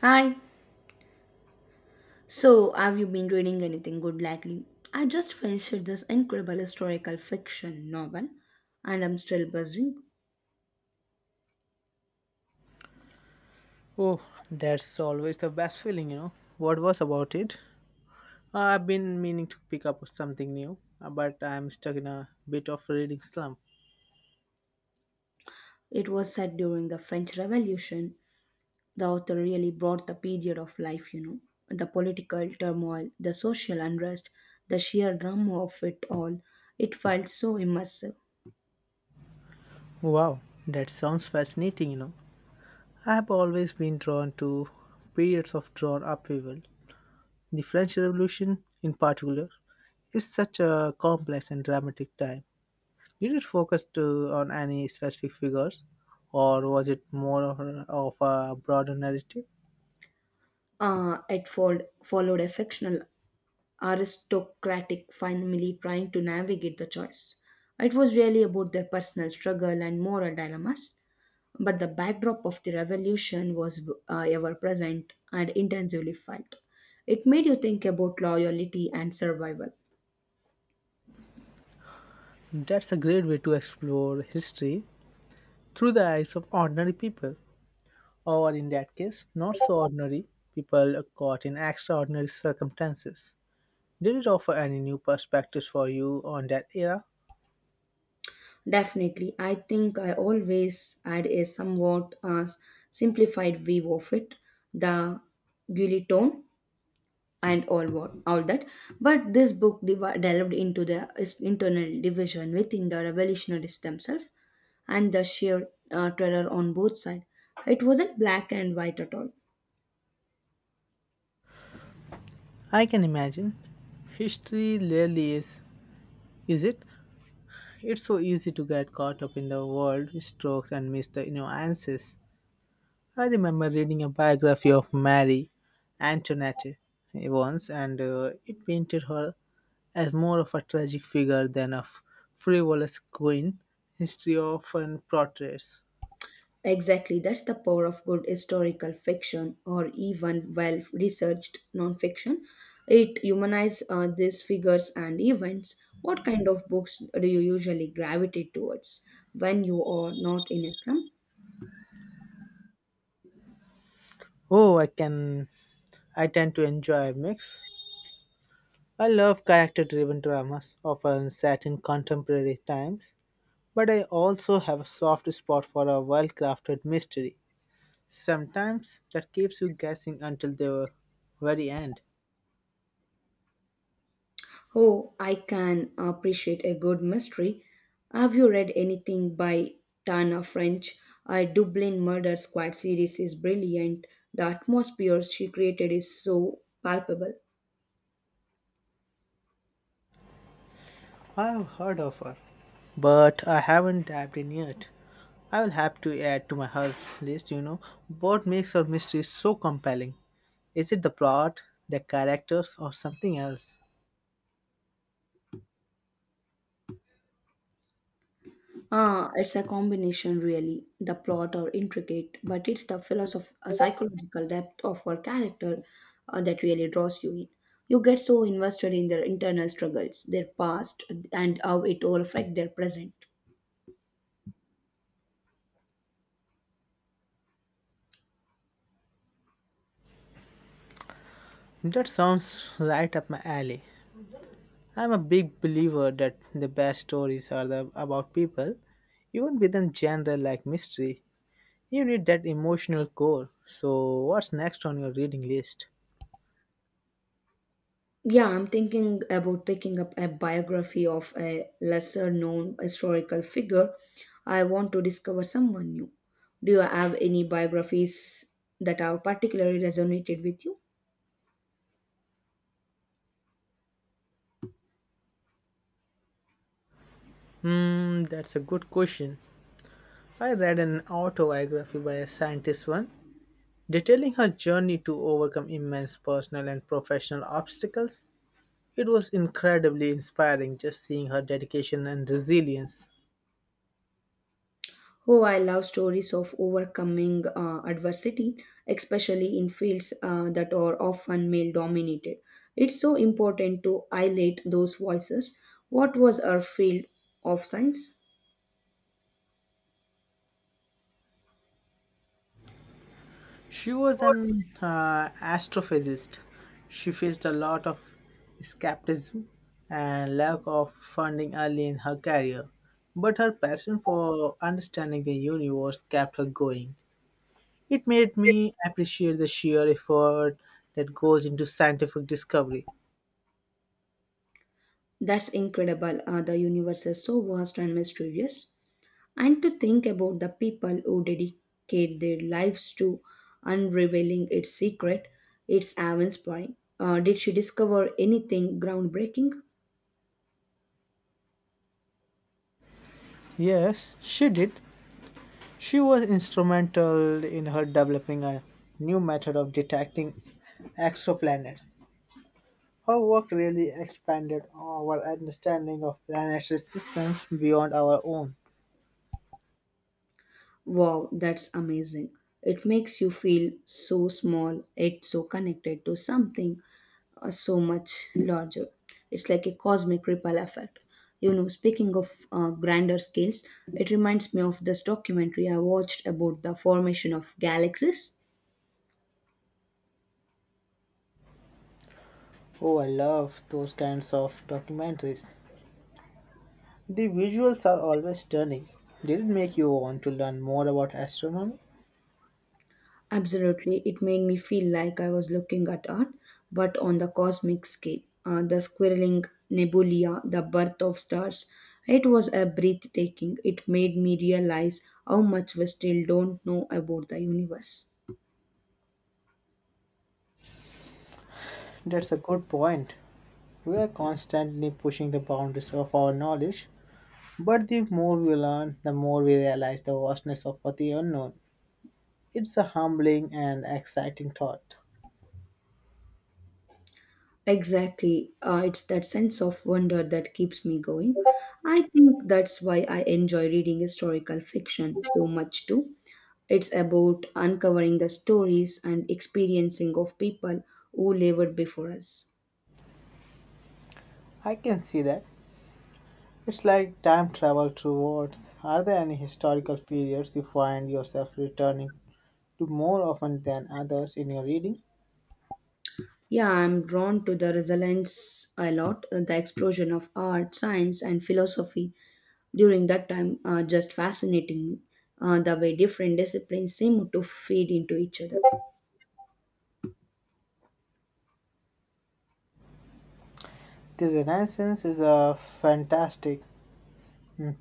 Hi. So, have you been reading anything good lately? I just finished this incredible historical fiction novel and I'm still buzzing. Oh, that's always the best feeling, you know. What was about it? I've been meaning to pick up something new, but I'm stuck in a bit of reading slump. It was set during the French Revolution. The author really brought the period of life, you know, the political turmoil, the social unrest, the sheer drama of it all. It felt so immersive. Wow, that sounds fascinating, you know. I've always been drawn to periods of drawn upheaval. The French Revolution, in particular, is such a complex and dramatic time. Did it focus to, on any specific figures, or was it more of a broader narrative? It followed a fictional aristocratic family trying to navigate the choice. It was really about their personal struggle and moral dilemmas, but the backdrop of the revolution was ever present and intensively felt. It made you think about loyalty and survival. That's a great way to explore history through the eyes of ordinary people, or in that case, not so ordinary people caught in extraordinary circumstances. Did it offer any new perspectives for you on that era? Definitely, I think I always had a somewhat simplified view of it. The guillotine and all what all that, but this book delved into the internal division within the revolutionaries themselves and the sheer terror on both sides. It wasn't black and white at all. I can imagine. History rarely is it? It's so easy to get caught up in the world strokes and miss the nuances. I remember reading a biography of Marie Antoinette once, and it painted her as more of a tragic figure than a frivolous queen. History often portrays. Exactly, that's the power of good historical fiction or even well researched non-fiction. It humanizes these figures and events. What kind of books do you usually gravitate towards when you are not in islam? Oh, I can. I tend to enjoy a mix. I love character-driven dramas, often set in contemporary times, but I also have a soft spot for a well-crafted mystery. Sometimes that keeps you guessing until the very end. Oh, I can appreciate a good mystery. Have you read anything by Tana French? Her Dublin Murder Squad series is brilliant. The atmosphere she created is so palpable. I've heard of her, but I haven't dived in yet. I will have to add to my her list, you know. What makes her mystery so compelling? Is it the plot, the characters, or something else? Ah, it's a combination really. The plot are intricate, but it's the psychological depth of her character, that really draws you in. You get so invested in their internal struggles, their past, and how it all affects their present. That sounds right up my alley. I'm a big believer that the best stories are the, about people, even within genre like mystery. You need that emotional core. So, what's next on your reading list? Yeah, I'm thinking about picking up a biography of a lesser known historical figure. I want to discover someone new. Do you have any biographies that have particularly resonated with you? Hmm, that's a good question. I read an autobiography by a scientist one detailing her journey to overcome immense personal and professional obstacles. It was incredibly inspiring just seeing her dedication and resilience. Oh, I love stories of overcoming adversity, especially in fields that are often male dominated. It's so important to highlight those voices. What was our field of science? She was an astrophysicist. She faced a lot of skepticism and lack of funding early in her career, but her passion for understanding the universe kept her going. It made me appreciate the sheer effort that goes into scientific discovery. That's incredible. The universe is so vast and mysterious. And to think about the people who dedicate their lives to unraveling its secret, it's awe inspiring. Did she discover anything groundbreaking? Yes, she did. She was instrumental in her developing a new method of detecting exoplanets. Her work really expanded our understanding of planetary systems beyond our own. Wow, that's amazing. It makes you feel so small, yet so connected to something so much larger. It's like a cosmic ripple effect. You know, speaking of grander scales, it reminds me of this documentary I watched about the formation of galaxies. Oh, I love those kinds of documentaries. The visuals are always stunning. Did it make you want to learn more about astronomy? Absolutely, it made me feel like I was looking at art, but on the cosmic scale. The squirreling nebula, the birth of stars. It was a breathtaking. It made me realize how much we still don't know about the universe. That's a good point. We are constantly pushing the boundaries of our knowledge, but the more we learn, the more we realize the vastness of the unknown. It's a humbling and exciting thought. Exactly. It's that sense of wonder that keeps me going. I think that's why I enjoy reading historical fiction so much too. It's about uncovering the stories and experiencing of people who lived before us. I can see that. It's like time travel towards. Are there any historical periods you find yourself returning to more often than others in your reading? Yeah, I'm drawn to the resilience a lot. The explosion of art, science, and philosophy during that time just fascinating me. The way different disciplines seem to feed into each other. The Renaissance is a fantastic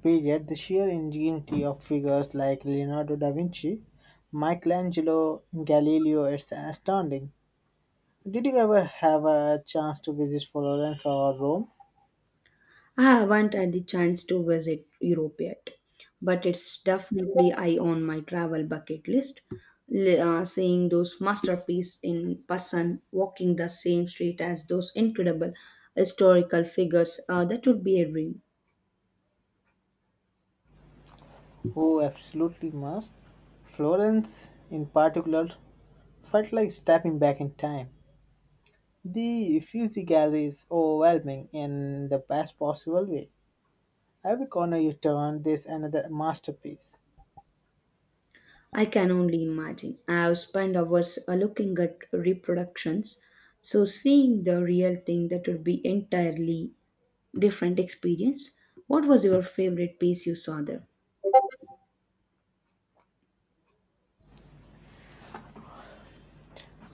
period, the sheer ingenuity of figures like Leonardo da Vinci, Michelangelo, Galileo is astounding. Did you ever have a chance to visit Florence or Rome? I haven't had the chance to visit Europe yet, but it's definitely I on my travel bucket list. Seeing those masterpieces in person, walking the same street as those incredible historical figures, that would be a dream. Oh, absolutely must. Florence, in particular, felt like stepping back in time. The Uffizi Gallery is overwhelming in the best possible way. Every corner you turn, there's another masterpiece. I can only imagine. I have spent hours looking at reproductions, so seeing the real thing that would be entirely different experience. What was your favorite piece you saw there?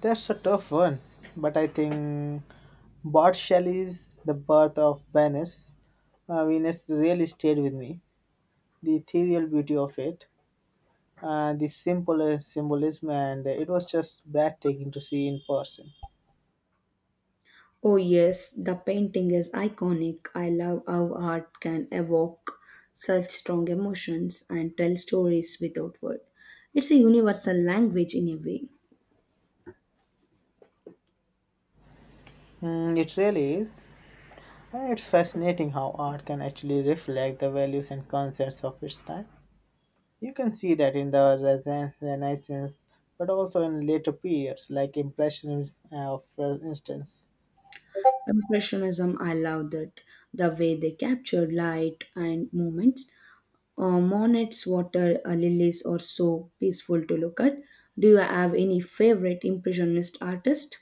That's a tough one, but I think Bart Shelley's The Birth of Venus, Venus really stayed with me. The ethereal beauty of it, the simple symbolism, and it was just breathtaking to see in person. Oh yes, the painting is iconic. I love how art can evoke such strong emotions and tell stories without words. It's a universal language in a way. Mm, it really is, and it's fascinating how art can actually reflect the values and concepts of its time. You can see that in the Renaissance, but also in later periods like Impressionism, for instance. Impressionism, I love that. The way they captured light and movements. Monet's water lilies are so peaceful to look at. Do you have any favorite impressionist artist?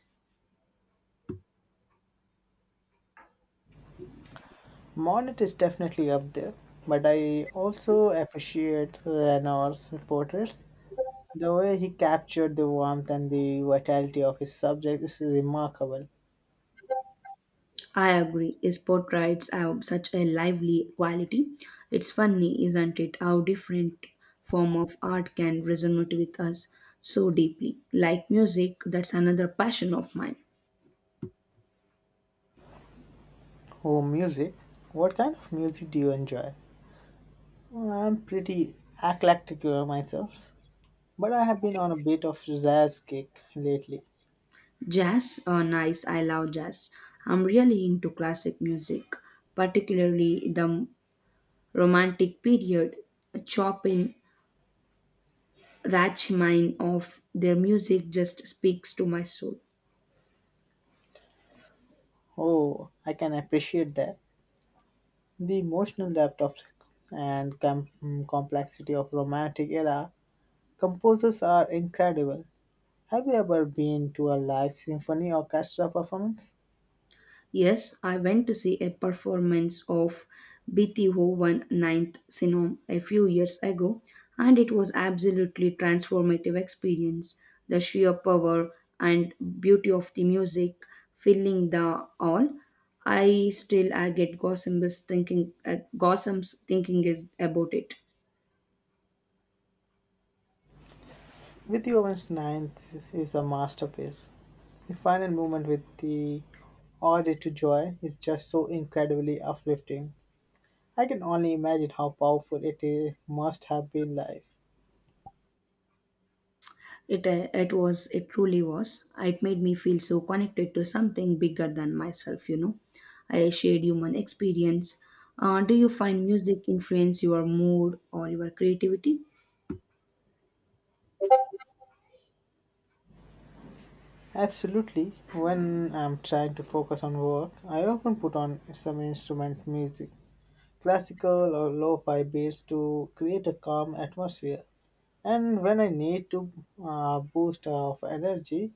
Monet is definitely up there, but I also appreciate Renoir's portraits. The way he captured the warmth and the vitality of his subject is remarkable. I agree. His portraits have such a lively quality. It's funny, isn't it, how different form of art can resonate with us so deeply. Like music, that's another passion of mine. Oh, music. What kind of music do you enjoy? Well, I'm pretty eclectic myself, but I have been on a bit of jazz kick lately. Jazz, oh nice, I love jazz. I'm really into classic music, particularly the romantic period, Chopin Rachmaninoff of their music just speaks to my soul. Oh, I can appreciate that. The emotional depth of and complexity of romantic era composers are incredible. Have you ever been to a live symphony orchestra performance? Yes, I went to see a performance of Beethoven Ninth Syndrome a few years ago, and it was absolutely transformative experience. The sheer power and beauty of the music filling the hall. I still I get gossips thinking is about it. Beethoven's Ninth is a masterpiece. The final movement with the Ode to Joy is just so incredibly uplifting. I can only imagine how powerful it is, must have been live. It truly was. It made me feel so connected to something bigger than myself. I shared human experience. Do you find music influence your mood or your creativity? Absolutely. When I'm trying to focus on work, I often put on some instrument music, classical or lo fi beats to create a calm atmosphere. And when I need to boost of energy,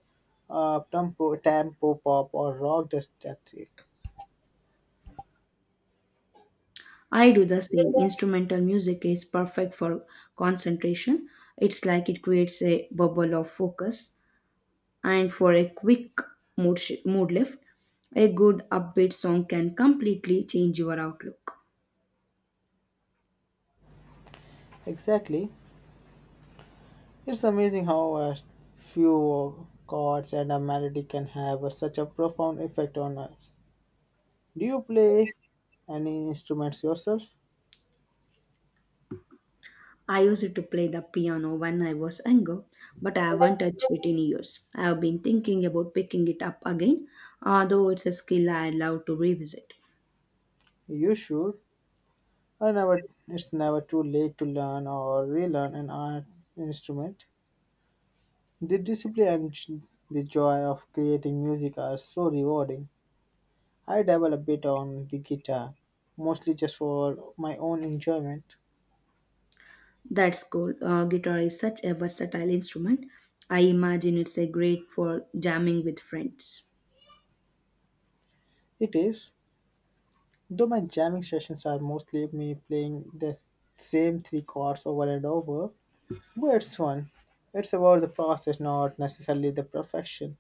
tempo pop or rock static. I do the same. Instrumental music is perfect for concentration. It's like it creates a bubble of focus and for a quick mood lift. A good upbeat song can completely change your outlook. Exactly. It's amazing how a few chords and a melody can such a profound effect on us. Do you play any instruments yourself? I used to play the piano when I was younger, but I haven't touched it in years. I have been thinking about picking it up again, although it's a skill I love to revisit. You should. I never. It's never too late to learn or relearn an art instrument. The discipline and the joy of creating music are so rewarding. I dabble a bit on the guitar, mostly just for my own enjoyment. That's cool. Guitar is such a versatile instrument. I imagine it's a great for jamming with friends. It is, though my jamming sessions are mostly me playing the same three chords over and over, but it's fun. It's about the process, not necessarily the perfection.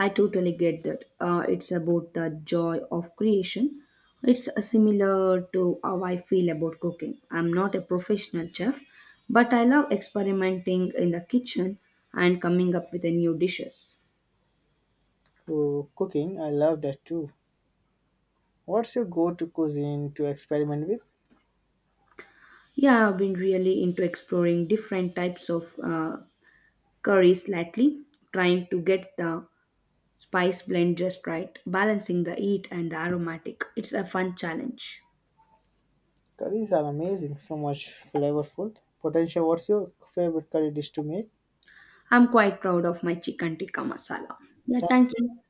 I totally get that. It's about the joy of creation. It's similar to how I feel about cooking. I'm not a professional chef, but I love experimenting in the kitchen and coming up with the new dishes. Oh, cooking, I love that too. What's your go-to cuisine to experiment with? Yeah, I've been really into exploring different types of curries lately, trying to get the spice blend just right, balancing the heat and the aromatic. It's a fun challenge. Curries are amazing, so much flavorful potential. What's your favorite curry dish to make? I'm quite proud of my chicken tikka masala. Yeah, Thank thank you.